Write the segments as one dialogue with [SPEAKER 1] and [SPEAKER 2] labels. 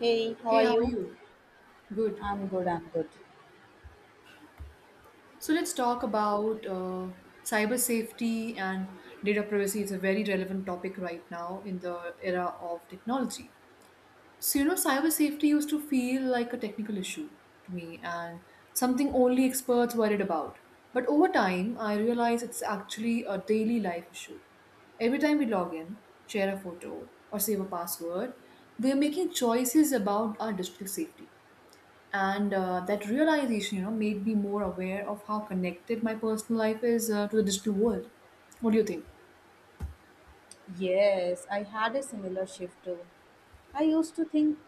[SPEAKER 1] Hey, how
[SPEAKER 2] Hey,
[SPEAKER 1] are
[SPEAKER 2] how are
[SPEAKER 1] you?
[SPEAKER 2] you? Good.
[SPEAKER 1] I'm good.
[SPEAKER 2] So let's talk about cyber safety and data privacy. It's a very relevant topic right now in the era of technology. So, you know, cyber safety used to feel like a technical issue to me and something only experts worried about. But over time, I realized it's actually a daily life issue. Every time we log in, share a photo, or save a password, we are making choices about our digital safety. And that realization, you know, made me more aware of how connected my personal life is, to the digital world. What do you think?
[SPEAKER 1] Yes, I had a similar shift too. I used to think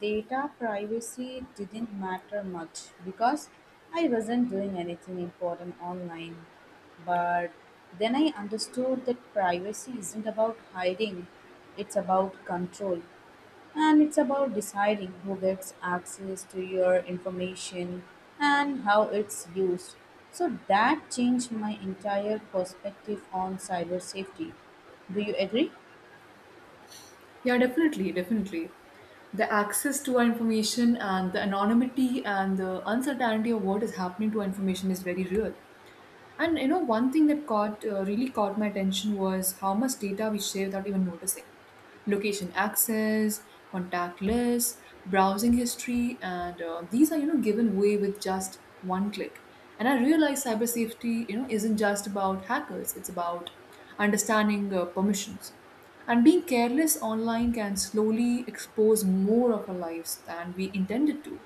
[SPEAKER 1] data privacy didn't matter much because I wasn't doing anything important online. But then I understood that privacy isn't about hiding, it's about control. And it's about deciding who gets access to your information and how it's used. So that changed my entire perspective on cyber safety. Do you agree?
[SPEAKER 2] Yeah, definitely, the access to our information and the anonymity and the uncertainty of what is happening to our information is very real. And you know, one thing that caught really caught my attention was how much data we share without even noticing. Location access, contact lists, browsing history, and these are, you know, given away with just one click. And I realized cyber safety, you know, isn't just about hackers. It's about understanding permissions. And being careless online can slowly expose more of our lives than we intended to.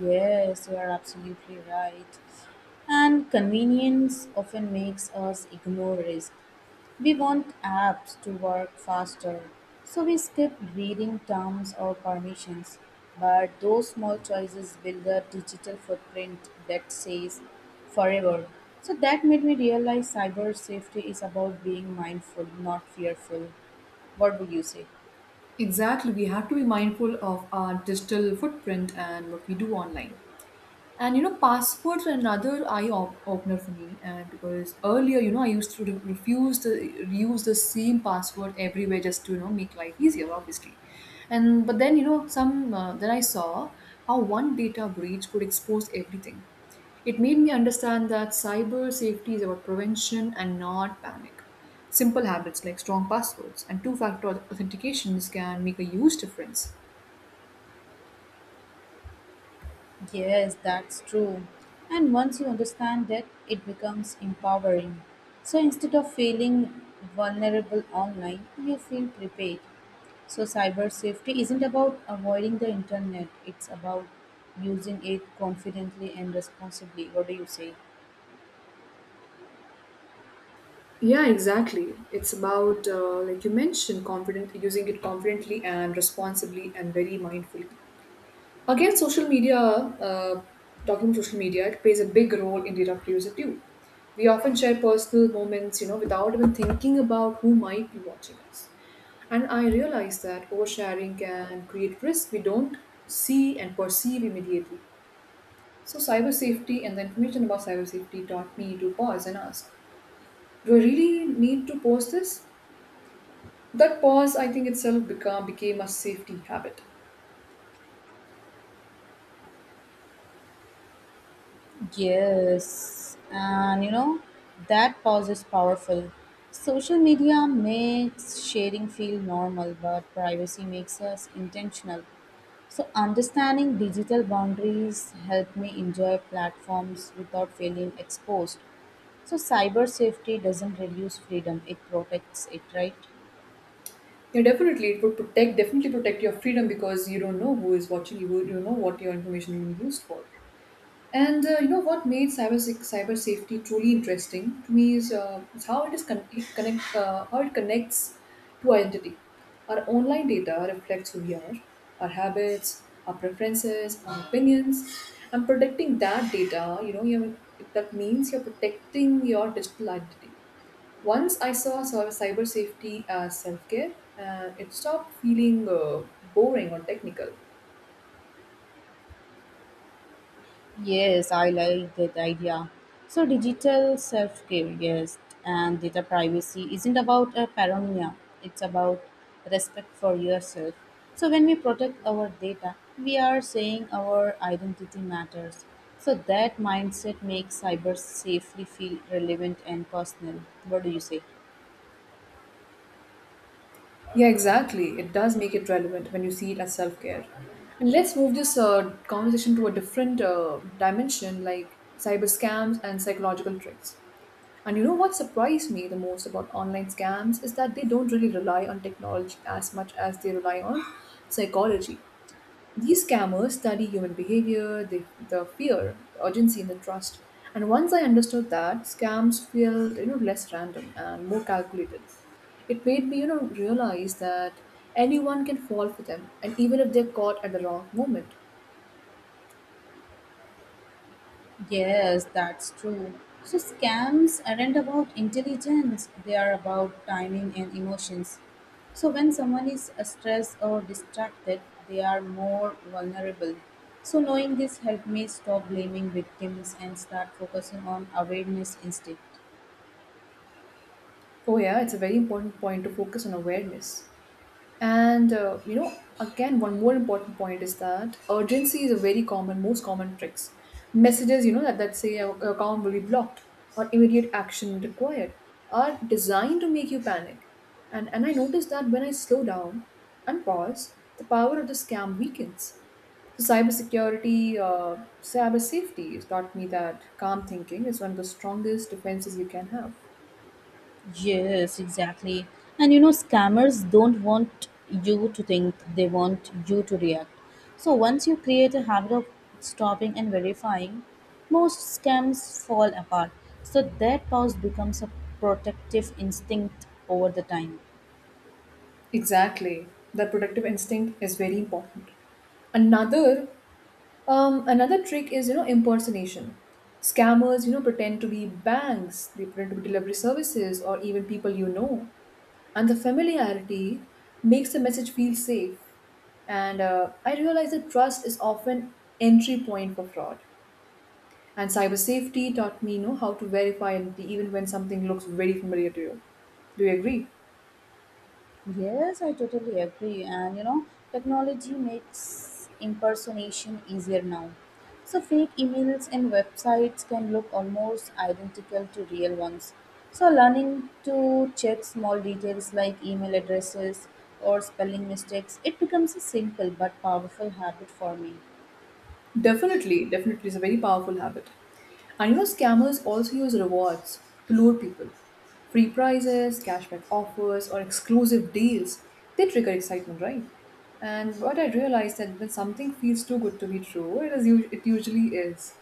[SPEAKER 1] Yes, you are absolutely right. And convenience often makes us ignore risk. We want apps to work faster, so we skip reading terms or permissions. But those small choices build a digital footprint that says forever. So that made me realize cyber safety is about being mindful, not fearful. What would you say?
[SPEAKER 2] Exactly. We have to be mindful of our digital footprint and what we do online. And you know, passwords are another opener for me. And because earlier, you know, I used to refuse to use the same password everywhere just to, you know, make life easier, obviously. And but then you know, some then I saw how one data breach could expose everything. It made me understand that cyber safety is about prevention and not panic. Simple habits like strong passwords and two factor authentications can make a huge difference.
[SPEAKER 1] Yes, that's true. And once you understand it, it becomes empowering. So instead of feeling vulnerable online, you feel prepared. So cyber safety isn't about avoiding the internet, it's about using it confidently and responsibly. What do you say?
[SPEAKER 2] Yeah, exactly. It's about, like you mentioned, confident, using it confidently and responsibly and very mindfully. Again, talking about social media, it plays a big role in data producer too. We often share personal moments, you know, without even thinking about who might be watching us. And I realize that oversharing can create risk we don't see and perceive immediately. So, cyber safety and the information about cyber safety taught me to pause and ask, do I really need to post this? That pause, I think, itself became a safety habit.
[SPEAKER 1] Yes, and you know, that pause is powerful. Social media makes sharing feel normal, but privacy makes us intentional. So understanding digital boundaries helped me enjoy platforms without feeling exposed. So cyber safety doesn't reduce freedom, it protects it, right?
[SPEAKER 2] Yeah, definitely, it would protect, definitely protect your freedom because you don't know who is watching you, you don't know what your information will be used for. And you know what made cyber safety truly interesting to me is how it is con- it connect how it connects to identity. Our online data reflects who we are, our habits, our preferences, our opinions. And protecting that data, you know, you that means you're protecting your digital identity. Once I saw cyber safety as self care, and it stopped feeling boring or technical.
[SPEAKER 1] Yes, I like that idea. So digital self care, yes, and data privacy isn't about a paranoia, it's about respect for yourself. So when we protect our data, we are saying our identity matters. So that mindset makes cyber safely feel relevant and personal. What do you say?
[SPEAKER 2] Yeah, exactly. It does make it relevant when you see it as self care. And let's move this conversation to a different dimension, like cyber scams and psychological tricks. And you know what surprised me the most about online scams is that they don't really rely on technology as much as they rely on psychology. These scammers study human behavior, the fear, the urgency, and the trust. And once I understood that, scams feel, you know, less random and more calculated. It made me, you know, realize that anyone can fall for them, and even if they're caught at the wrong moment.
[SPEAKER 1] Yes, that's true. So scams aren't about intelligence, they are about timing and emotions. So when someone is stressed or distracted, they are more vulnerable. So knowing this helped me stop blaming victims and start focusing on awareness instead.
[SPEAKER 2] Oh yeah, it's a very important point to focus on awareness. And you know, again, one more important point is that urgency is a very common, most common tricks. Messages, you know, that say your account will be blocked or immediate action required are designed to make you panic. And I noticed that when I slow down and pause, the power of the scam weakens. So cyber safety has taught me that calm thinking is one of the strongest defenses you can have.
[SPEAKER 1] Yes, exactly. And you know, scammers don't want you to think, they want you to react. So once you create a habit of stopping and verifying, most scams fall apart. So that pause becomes a protective instinct over the time.
[SPEAKER 2] Exactly. The protective instinct is very important. Another Another trick is, you know, impersonation. Scammers, you know, pretend to be banks, they pretend to be delivery services or even people you know. And the familiarity makes the message feel safe. And I realize that trust is often entry point for fraud. And cyber safety taught me, you know, how to verify identity even when something looks very familiar to you. Do you agree?
[SPEAKER 1] Yes, I totally agree. And you know, technology makes impersonation easier now. So fake emails and websites can look almost identical to real ones. So learning to check small details like email addresses or spelling mistakes, it becomes a simple but powerful habit for me.
[SPEAKER 2] Definitely, definitely, it's a very powerful habit. And you know, scammers also use rewards to lure people. Free prizes, cashback offers, or exclusive deals. They trigger excitement, right? And what I realized that when something feels too good to be true, it usually is.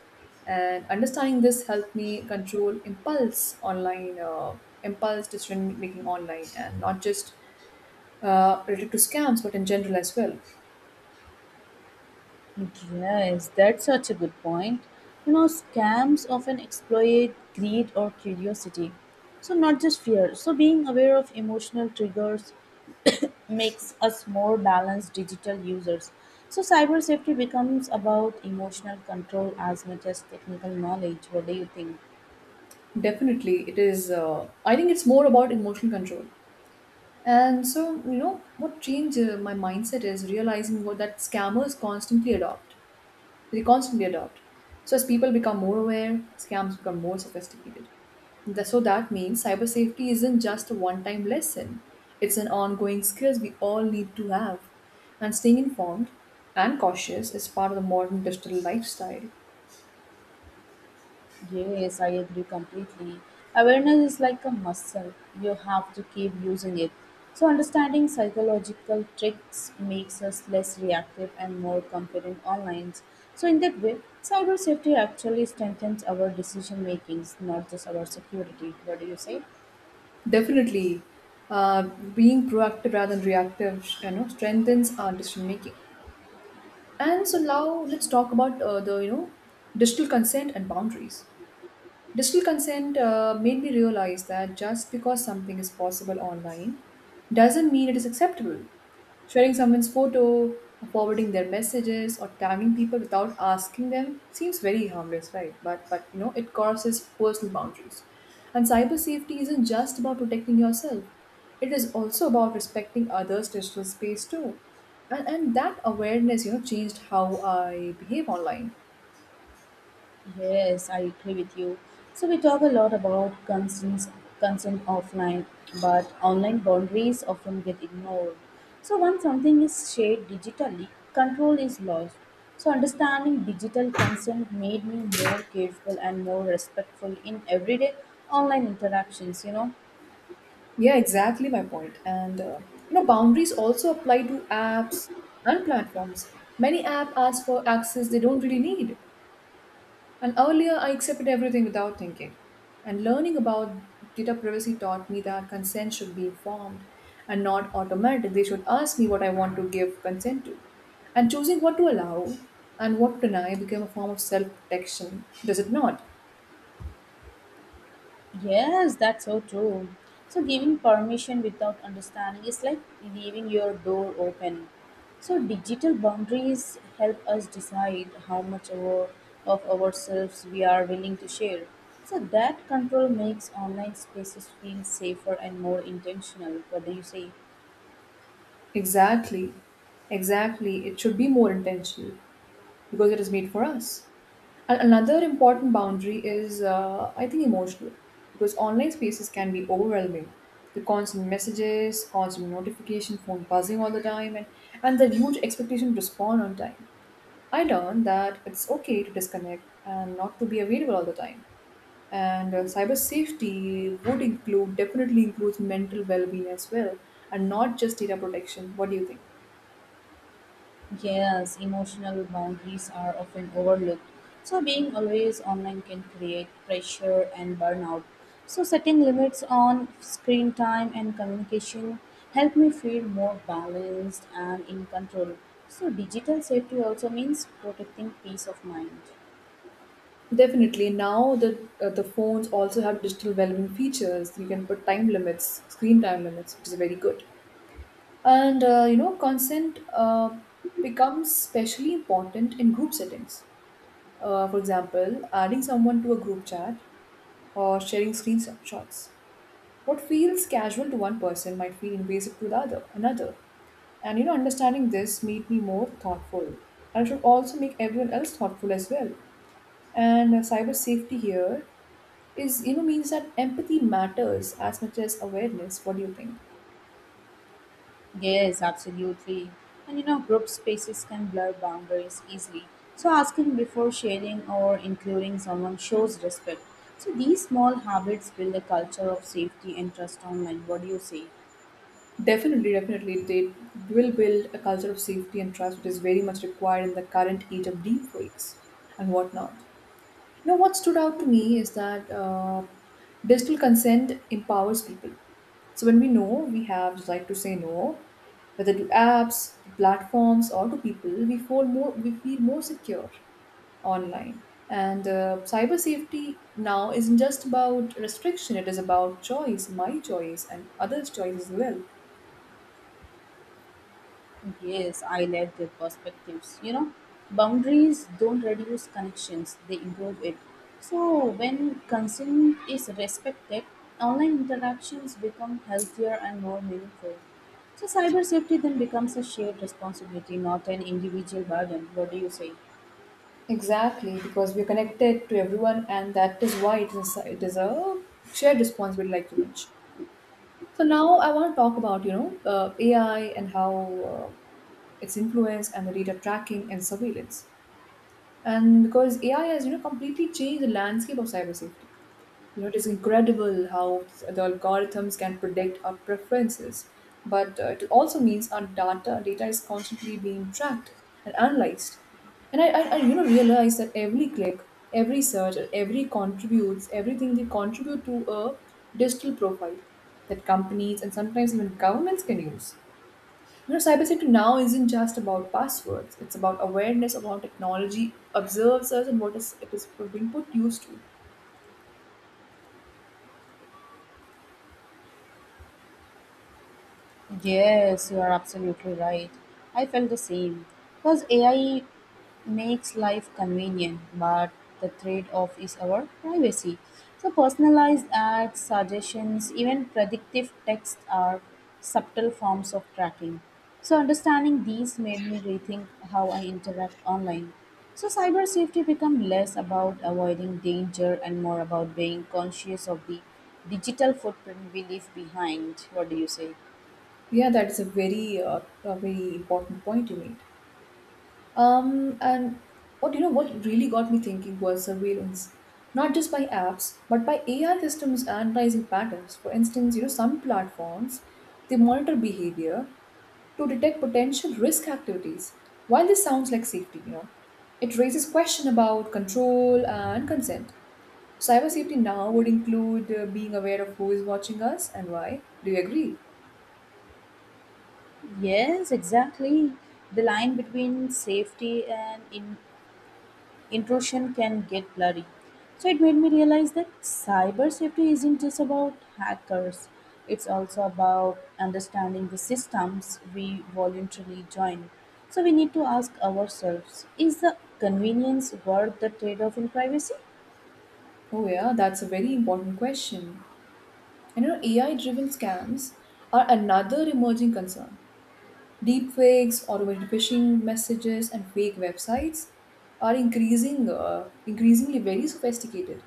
[SPEAKER 2] And understanding this helped me control impulse online, impulse decision making online, and not just related to scams, but in general as well.
[SPEAKER 1] Yes, that's such a good point. You know, scams often exploit greed or curiosity. So, not just fear. So being aware of emotional triggers makes us more balanced digital users. So cyber safety becomes about emotional control as much as technical knowledge. What do you think?
[SPEAKER 2] Definitely, it is. I think it's more about emotional control. And so, you know, what changed my mindset is realizing what that scammers constantly adopt. They constantly adopt. So as people become more aware, scams become more sophisticated. So that means cyber safety isn't just a one-time lesson. It's an ongoing skills we all need to have. And staying informed and cautious is part of the modern digital lifestyle.
[SPEAKER 1] Yes, I agree completely. Awareness is like a muscle, you have to keep using it. So understanding psychological tricks makes us less reactive and more confident online. So in that way, cyber safety actually strengthens our decision makings, not just our security. What do you say?
[SPEAKER 2] Definitely, uh, being proactive rather than reactive, you know, strengthens our decision making. And so now let's talk about the, you know, digital consent and boundaries. Digital consent made me realize that just because something is possible online doesn't mean it is acceptable. Sharing someone's photo, or forwarding their messages, or tagging people without asking them seems very harmless, right? But you know it crosses personal boundaries. And cyber safety isn't just about protecting yourself; it is also about respecting others' digital space too. And that awareness, you know, changed how I behave online.
[SPEAKER 1] Yes, I agree with you. So we talk a lot about consent, consent offline, but online boundaries often get ignored. So once something is shared digitally, control is lost. So understanding digital consent made me more careful and more respectful in everyday online interactions, you know.
[SPEAKER 2] Yeah, exactly my point. And you know, boundaries also apply to apps and platforms. Many app ask for access they don't really need. And earlier, I accepted everything without thinking. And learning about data privacy taught me that consent should be informed and not automatic. They should ask me what I want to give consent to. And choosing what to allow and what to deny became a form of self protection, does it not?
[SPEAKER 1] Yes, that's so true. So giving permission without understanding is like leaving your door open. So digital boundaries help us decide how much our, of ourselves we are willing to share. So that control makes online spaces feel safer and more intentional. What do you say?
[SPEAKER 2] Exactly. Exactly. It should be more intentional, because it is made for us. And another important boundary is, I think, emotional, because online spaces can be overwhelming. The constant messages, constant notification, phone buzzing all the time, and the huge expectation to respond on time. I learned that it's okay to disconnect and not to be available all the time. And cyber safety would include, definitely includes mental well being as well, and not just data protection. What do you think?
[SPEAKER 1] Yes, emotional boundaries are often overlooked. So being always online can create pressure and burnout. So setting limits on screen time and communication help me feel more balanced and in control. So digital safety also means protecting peace of mind.
[SPEAKER 2] Definitely. Now the phones also have digital well-being features. You can put time limits, screen time limits, which is very good. And you know, consent becomes especially important in group settings. For example, adding someone to a group chat or sharing screenshots. What feels casual to one person might feel invasive to the other another. And you know, understanding this made me more thoughtful. And it should also make everyone else thoughtful as well, and cyber safety here is, you know, means that empathy matters as much as awareness. What do you think?
[SPEAKER 1] Yes, absolutely. And you know, group spaces can blur boundaries easily. So asking before sharing or including someone shows respect. So these small habits build a culture of safety and trust online. What do you say?
[SPEAKER 2] Definitely, definitely, they will build a culture of safety and trust, which is very much required in the current age of deepfakes and whatnot. You know, what stood out to me is that digital consent empowers people. So when we know we have the right to say no, whether to apps, to platforms, or to people, we feel more secure online. And cyber safety now isn't just about restriction; it is about choice, my choice, and others' choice as well.
[SPEAKER 1] Yes, I like their perspectives. You know, boundaries don't reduce connections, they improve it. So when consent is respected, online interactions become healthier and more meaningful. So cyber safety then becomes a shared responsibility, not an individual burden. What do you say?
[SPEAKER 2] Exactly, because we're connected to everyone, and that is why it is a shared responsibility, like you mentioned. So now I want to talk about, you know, AI and how uh, its influence and the data tracking and surveillance. And because AI has, you know, completely changed the landscape of cyber safety. You know, it is incredible how the algorithms can predict our preferences, but it also means our data is constantly being tracked and analyzed. And I you know, realize that every click, every search, everything they contribute to a digital profile that companies and sometimes even governments can use. You know, cybersecurity now isn't just about passwords. It's about awareness of how technology observes us and what is it is we've been put used to.
[SPEAKER 1] Yes, you are absolutely right. I felt the same. Because AI makes life convenient, but the trade off is our privacy. So personalized ads, suggestions, even predictive text are subtle forms of tracking. So understanding these made me rethink how I interact online. So cyber safety become less about avoiding danger and more about being conscious of the digital footprint we leave behind. What do you say?
[SPEAKER 2] Yeah, that is a very important point you made. And what you know, what really got me thinking was surveillance, not just by apps, but by AI systems and pricing patterns. For instance, you know, some platforms they monitor behavior to detect potential risk activities. While this sounds like safety, you know, it raises question about control and consent. Cyber safety now would include being aware of who is watching us and why. Do you agree?
[SPEAKER 1] Yes, exactly. The line between safety and intrusion can get blurry. So it made me realize that cyber safety isn't just about hackers, it's also about understanding the systems we voluntarily join. So we need to ask ourselves, is the convenience worth the trade off in privacy?
[SPEAKER 2] Oh yeah, that's a very important question. And you know, AI driven scams are another emerging concern. Deepfakes, automated phishing messages, and fake websites are increasingly very sophisticated.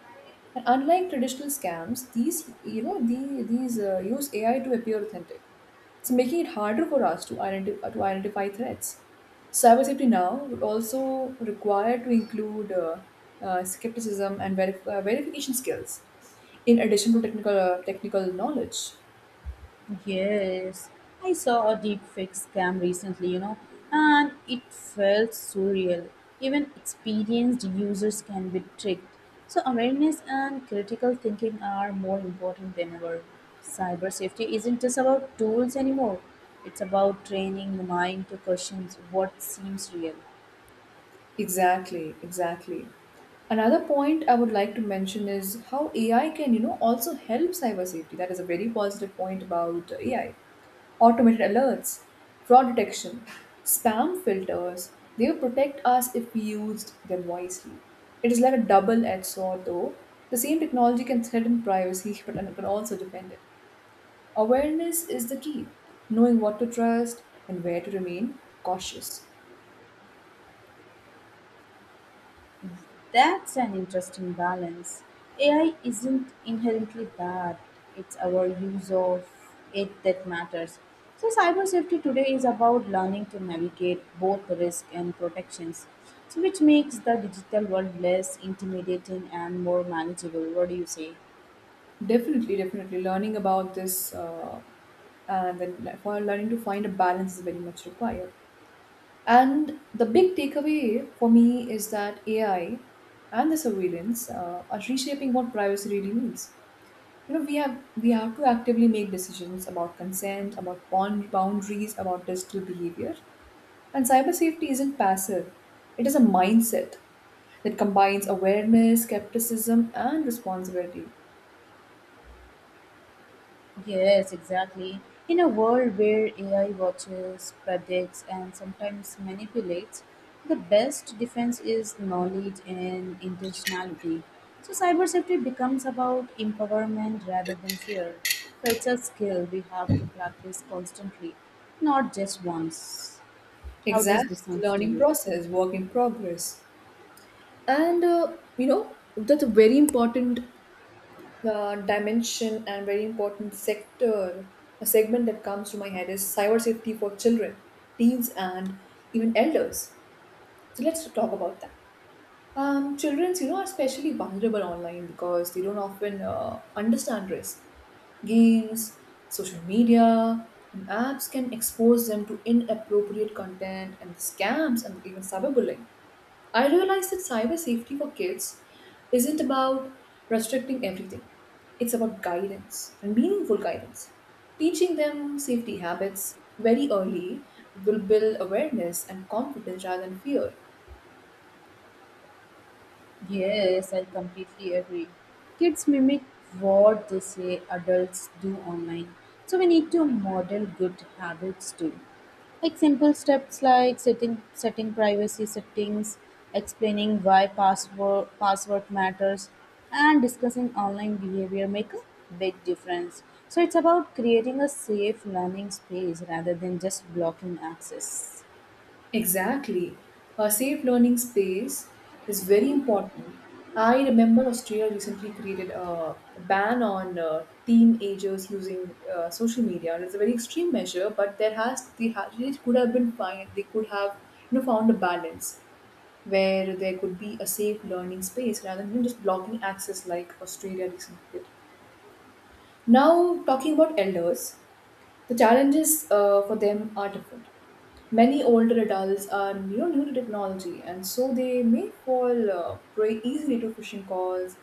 [SPEAKER 2] And unlike traditional scams, these you know the, these use AI to appear authentic. So making it harder for us to identify threats. Cybersafety now would also require to include skepticism and verification skills, in addition to technical knowledge.
[SPEAKER 1] Yes, I saw a deepfake scam recently, you know, and it felt surreal. Even experienced users can be tricked. So awareness and critical thinking are more important than ever. Cyber safety isn't just about tools anymore, it's about training the mind to question what seems real.
[SPEAKER 2] Exactly. Another point I would like to mention is how AI can, you know, also help cyber safety. That is a very positive point about AI. Automated alerts, fraud detection, spam filters, they will protect us if we used them wisely. It is like a double-edged sword though. The same technology can threaten privacy, but it can also defend it. Awareness is the key. Knowing what to trust and where to remain cautious.
[SPEAKER 1] That's an interesting balance. AI isn't inherently bad, it's our use of it that matters. So cyber safety today is about learning to navigate both risk and protections, so which makes the digital world less intimidating and more manageable. What do you say?
[SPEAKER 2] Definitely. Learning about this, and then for learning to find a balance is very much required. And the big takeaway for me is that AI and the surveillance are reshaping what privacy really means. You know, we have to actively make decisions about consent, about bond boundaries, about digital behavior. And cyber safety isn't passive; it is a mindset that combines awareness, skepticism, and responsibility.
[SPEAKER 1] Yes, exactly. In a world where AI watches, predicts, and sometimes manipulates, the best defense is knowledge and intentionality. So cyber safety becomes about empowerment rather than fear. So it's a skill we have to practice constantly, not just once. How does this
[SPEAKER 2] Exactly,
[SPEAKER 1] sound
[SPEAKER 2] the
[SPEAKER 1] to
[SPEAKER 2] learning
[SPEAKER 1] you?
[SPEAKER 2] process, work in progress. And you know That's a very important dimension and very important sector, a segment that comes to my head is cyber safety for children, teens, and even elders. So let's talk about that. Children's, you know, are especially vulnerable online because they don't often understand risk. Games, social media, and apps can expose them to inappropriate content and scams and even cyberbullying. I realized that cyber safety for kids isn't about restricting everything. It's about guidance and meaningful guidance. Teaching them safety habits very early will build awareness and confidence rather than fear.
[SPEAKER 1] Yes, I completely agree. Kids mimic what they say adults do online. So we need to model good habits too. Like simple steps like setting privacy settings, explaining why password matters, and discussing online behavior make a big difference. So it's about creating a safe learning space rather than just blocking access.
[SPEAKER 2] Exactly. A safe learning space is very important. I remember Australia recently created a ban on teenagers using social media, and it's a very extreme measure. But there has they, ha- they could have been fine. They could have, you know, found a balance where there could be a safe learning space rather than, you know, just blocking access like Australia recently did. Now, talking about elders, the challenges for them are different. Many older adults are, you know, new to technology, and so they may fall prey easily to phishing calls,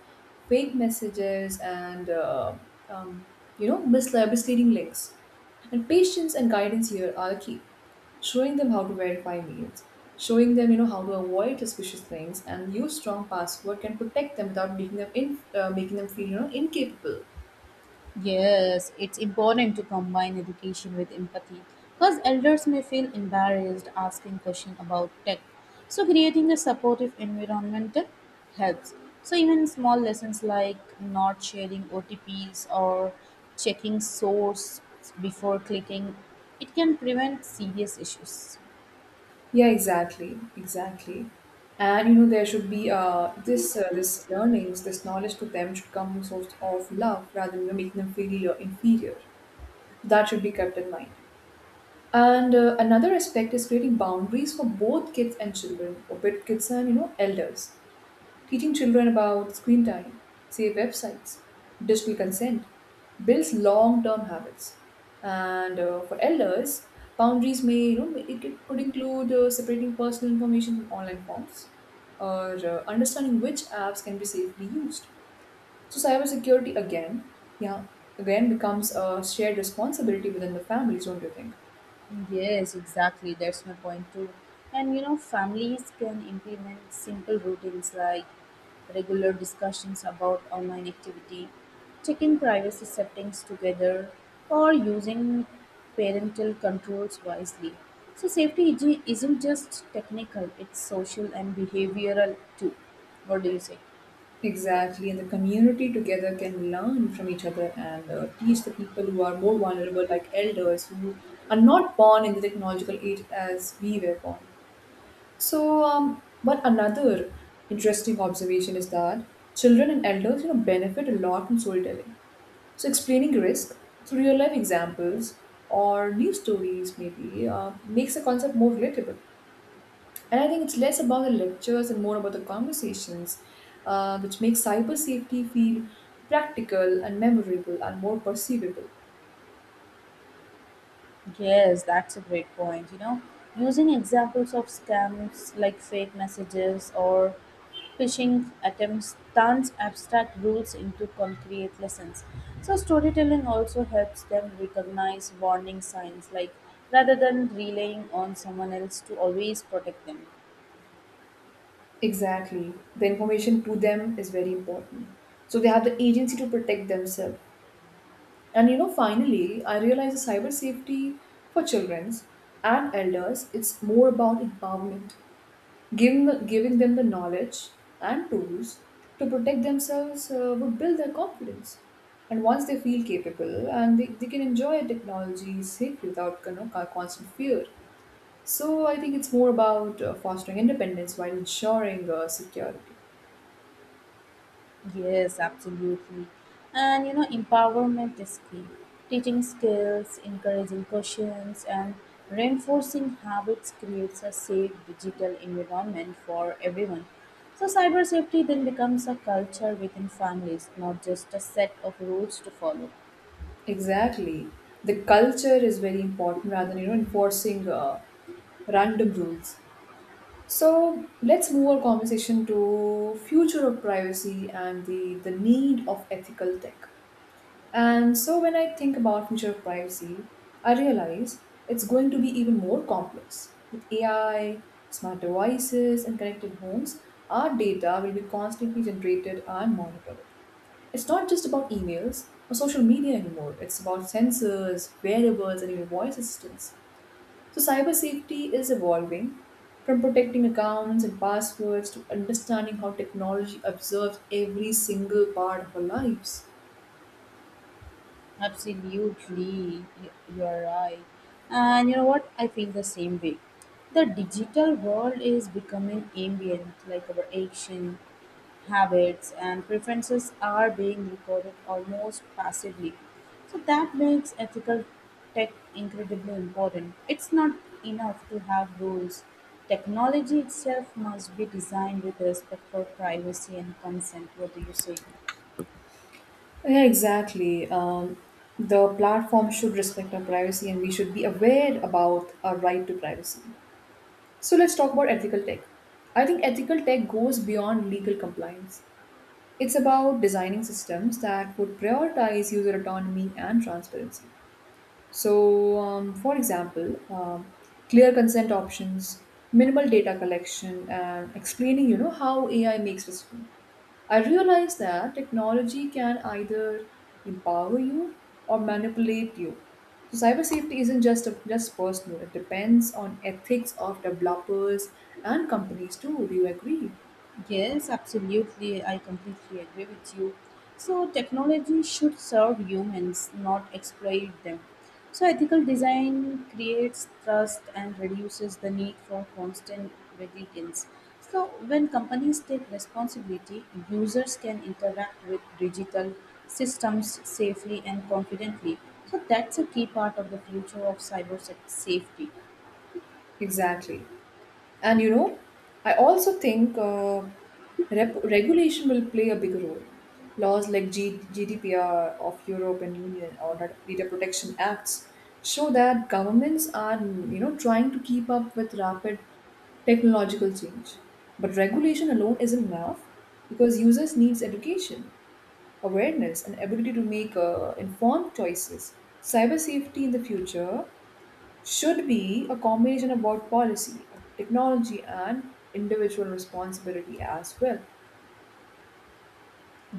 [SPEAKER 2] fake messages, and um, you know, misleading links. And patience and guidance here are key. Showing them how to verify mails, showing them, you know, how to avoid suspicious links, and use strong password can protect them without making them making them feel, you know, incapable.
[SPEAKER 1] Yes, it's important to combine education with empathy because elders may feel embarrassed asking questions about tech. So creating a supportive environment helps. So even small lessons like not sharing OTPs or checking source before clicking, it can prevent serious issues.
[SPEAKER 2] Yeah, exactly. And you know, there should be this learnings, this knowledge to them should come from source of love rather than, you know, making them feel inferior. That should be kept in mind. And another aspect is creating boundaries for both kids and children, for both kids and, you know, elders. Teaching children about screen time, safe websites, digital consent builds long-term habits. And for elders, boundaries may, you know, it could include separating personal information from online forms or understanding which apps can be safely used. So cybersecurity again, yeah, again becomes a shared responsibility within the families, don't you think?
[SPEAKER 1] Yes, exactly. That's my point too. And you know, families can implement simple routines like regular discussions about online activity, checking privacy settings together, or using parental controls wisely. So safety isn't just technical, it's social and behavioral too. What do you say?
[SPEAKER 2] Exactly, and the community together can learn from each other and teach the people who are more vulnerable, like elders who are not born in the technological age as we were born. So, but another interesting observation is that children and elders, you know, benefit a lot from storytelling. So, explaining risk through real life examples or new stories maybe makes the concept more relatable. And I think it's less about the lectures and more about the conversations, which makes cyber safety feel practical and memorable and more perceivable.
[SPEAKER 1] Yes, that's a great point. You know, using examples of scams like fake messages or phishing attempts turns abstract rules into concrete lessons. So storytelling also helps them recognize warning signs, like rather than relying on someone else to always protect them.
[SPEAKER 2] Exactly. The information to them is very important. So they have the agency to protect themselves. And you know, finally, I realize the cyber safety for children and elders, it's more about empowerment. Giving them the knowledge and tools to protect themselves would build their confidence. And once they feel capable and they can enjoy technology safely without, you know, constant fear. So I think it's more about fostering independence while ensuring security.
[SPEAKER 1] Yes, absolutely. And you know, empowerment is key. Teaching skills, encouraging questions, and reinforcing habits creates a safe digital environment for everyone. So cyber safety then becomes a culture within families, not just a set of rules to follow.
[SPEAKER 2] Exactly. The culture is very important rather than, you know, enforcing random rules. So let's move our conversation to future of privacy and the need of ethical tech. And so when I think about future of privacy, I realize it's going to be even more complex. With AI, smart devices, and connected homes, our data will be constantly generated and monitored. It's not just about emails or social media anymore. It's about sensors, wearables, and even voice assistants. So cyber safety is evolving from protecting accounts and passwords to understanding how technology observes every single part of our lives.
[SPEAKER 1] Absolutely, you are right. And you know what? I feel the same way. The digital world is becoming ambient, like our action, habits, and preferences are being recorded almost passively. So that makes ethical tech incredibly important. It's not enough to have rules. Technology itself must be designed with respect for privacy and consent. What do you say?
[SPEAKER 2] Yeah, exactly. The platform should respect our privacy and we should be aware about our right to privacy. So let's talk about ethical tech. I think ethical tech goes beyond legal compliance. It's about designing systems that would prioritize user autonomy and transparency. So, for example, clear consent options, minimal data collection, and explaining, you know, how AI makes decisions. I realize that technology can either empower you or manipulate you. So cyber safety isn't just personal; it depends on ethics of developers and companies too. Do you agree?
[SPEAKER 1] Yes, absolutely. I completely agree with you. So technology should serve humans, not exploit them. So ethical design creates trust and reduces the need for constant vigilance. So when companies take responsibility, users can interact with digital systems safely and confidently. So that's a key part of the future of safety.
[SPEAKER 2] Exactly. And you know, I also think regulation will play a big role. Laws like GDPR of European Union or Data Protection Acts show that governments are, you know, trying to keep up with rapid technological change. But regulation alone isn't enough because users needs education, awareness, and ability to make informed choices. Cyber safety in the future should be a combination of about policy, technology, and individual responsibility as well.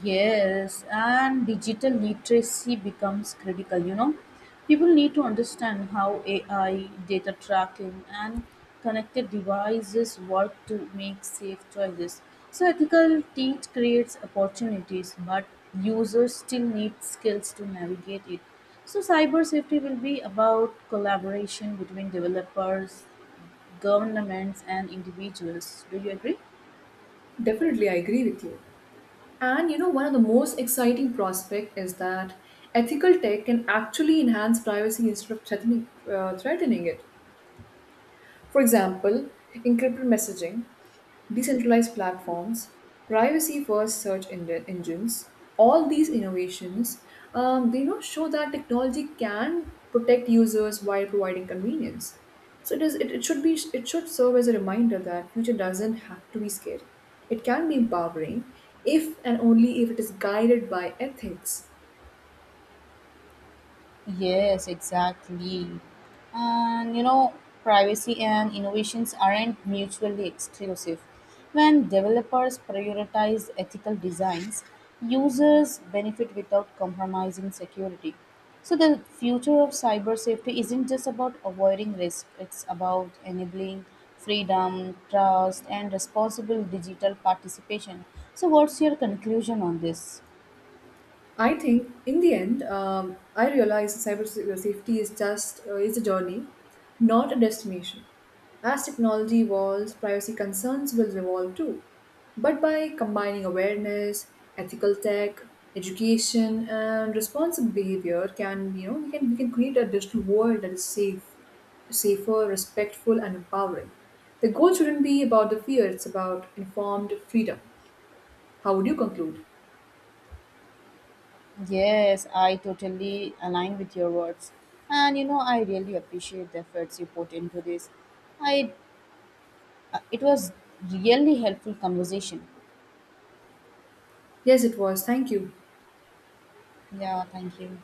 [SPEAKER 1] Yes, and digital literacy becomes critical. You know, people need to understand how AI, data tracking, and connected devices work to make safe choices. So ethical teach creates opportunities, but users still need skills to navigate it. So cyber safety will be about collaboration between developers, governments, and individuals. Do you agree?
[SPEAKER 2] Definitely, I agree with you. And you know, one of the most exciting prospect is that ethical tech can actually enhance privacy instead of threatening it. For example, encrypted messaging, decentralized platforms, privacy first search engines, all these innovations, they, you know, show that technology can protect users while providing convenience. So it, is, it should be it should serve as a reminder that future doesn't have to be scary. It can be empowering if and only if it is guided by ethics.
[SPEAKER 1] Yes, exactly. And you know, privacy and innovations aren't mutually exclusive. When developers prioritize ethical designs, users benefit without compromising security. So the future of cyber safety isn't just about avoiding risk, it's about enabling freedom, trust, and responsible digital participation. So what's your conclusion on this?
[SPEAKER 2] I think in the end, I realize cyber safety is just is a journey, not a destination. As technology evolves, privacy concerns will evolve too. But by combining awareness, ethical tech, education, and responsible behavior, can you know we can create a digital world that is safe, safer, respectful, and empowering. The goal shouldn't be about the fear; it's about informed freedom. How would you conclude?
[SPEAKER 1] Yes, I totally align with your words. And you know, I really appreciate the efforts you put into this. I it was really helpful conversation.
[SPEAKER 2] Yes, it was. Thank you.
[SPEAKER 1] Yeah, thank you.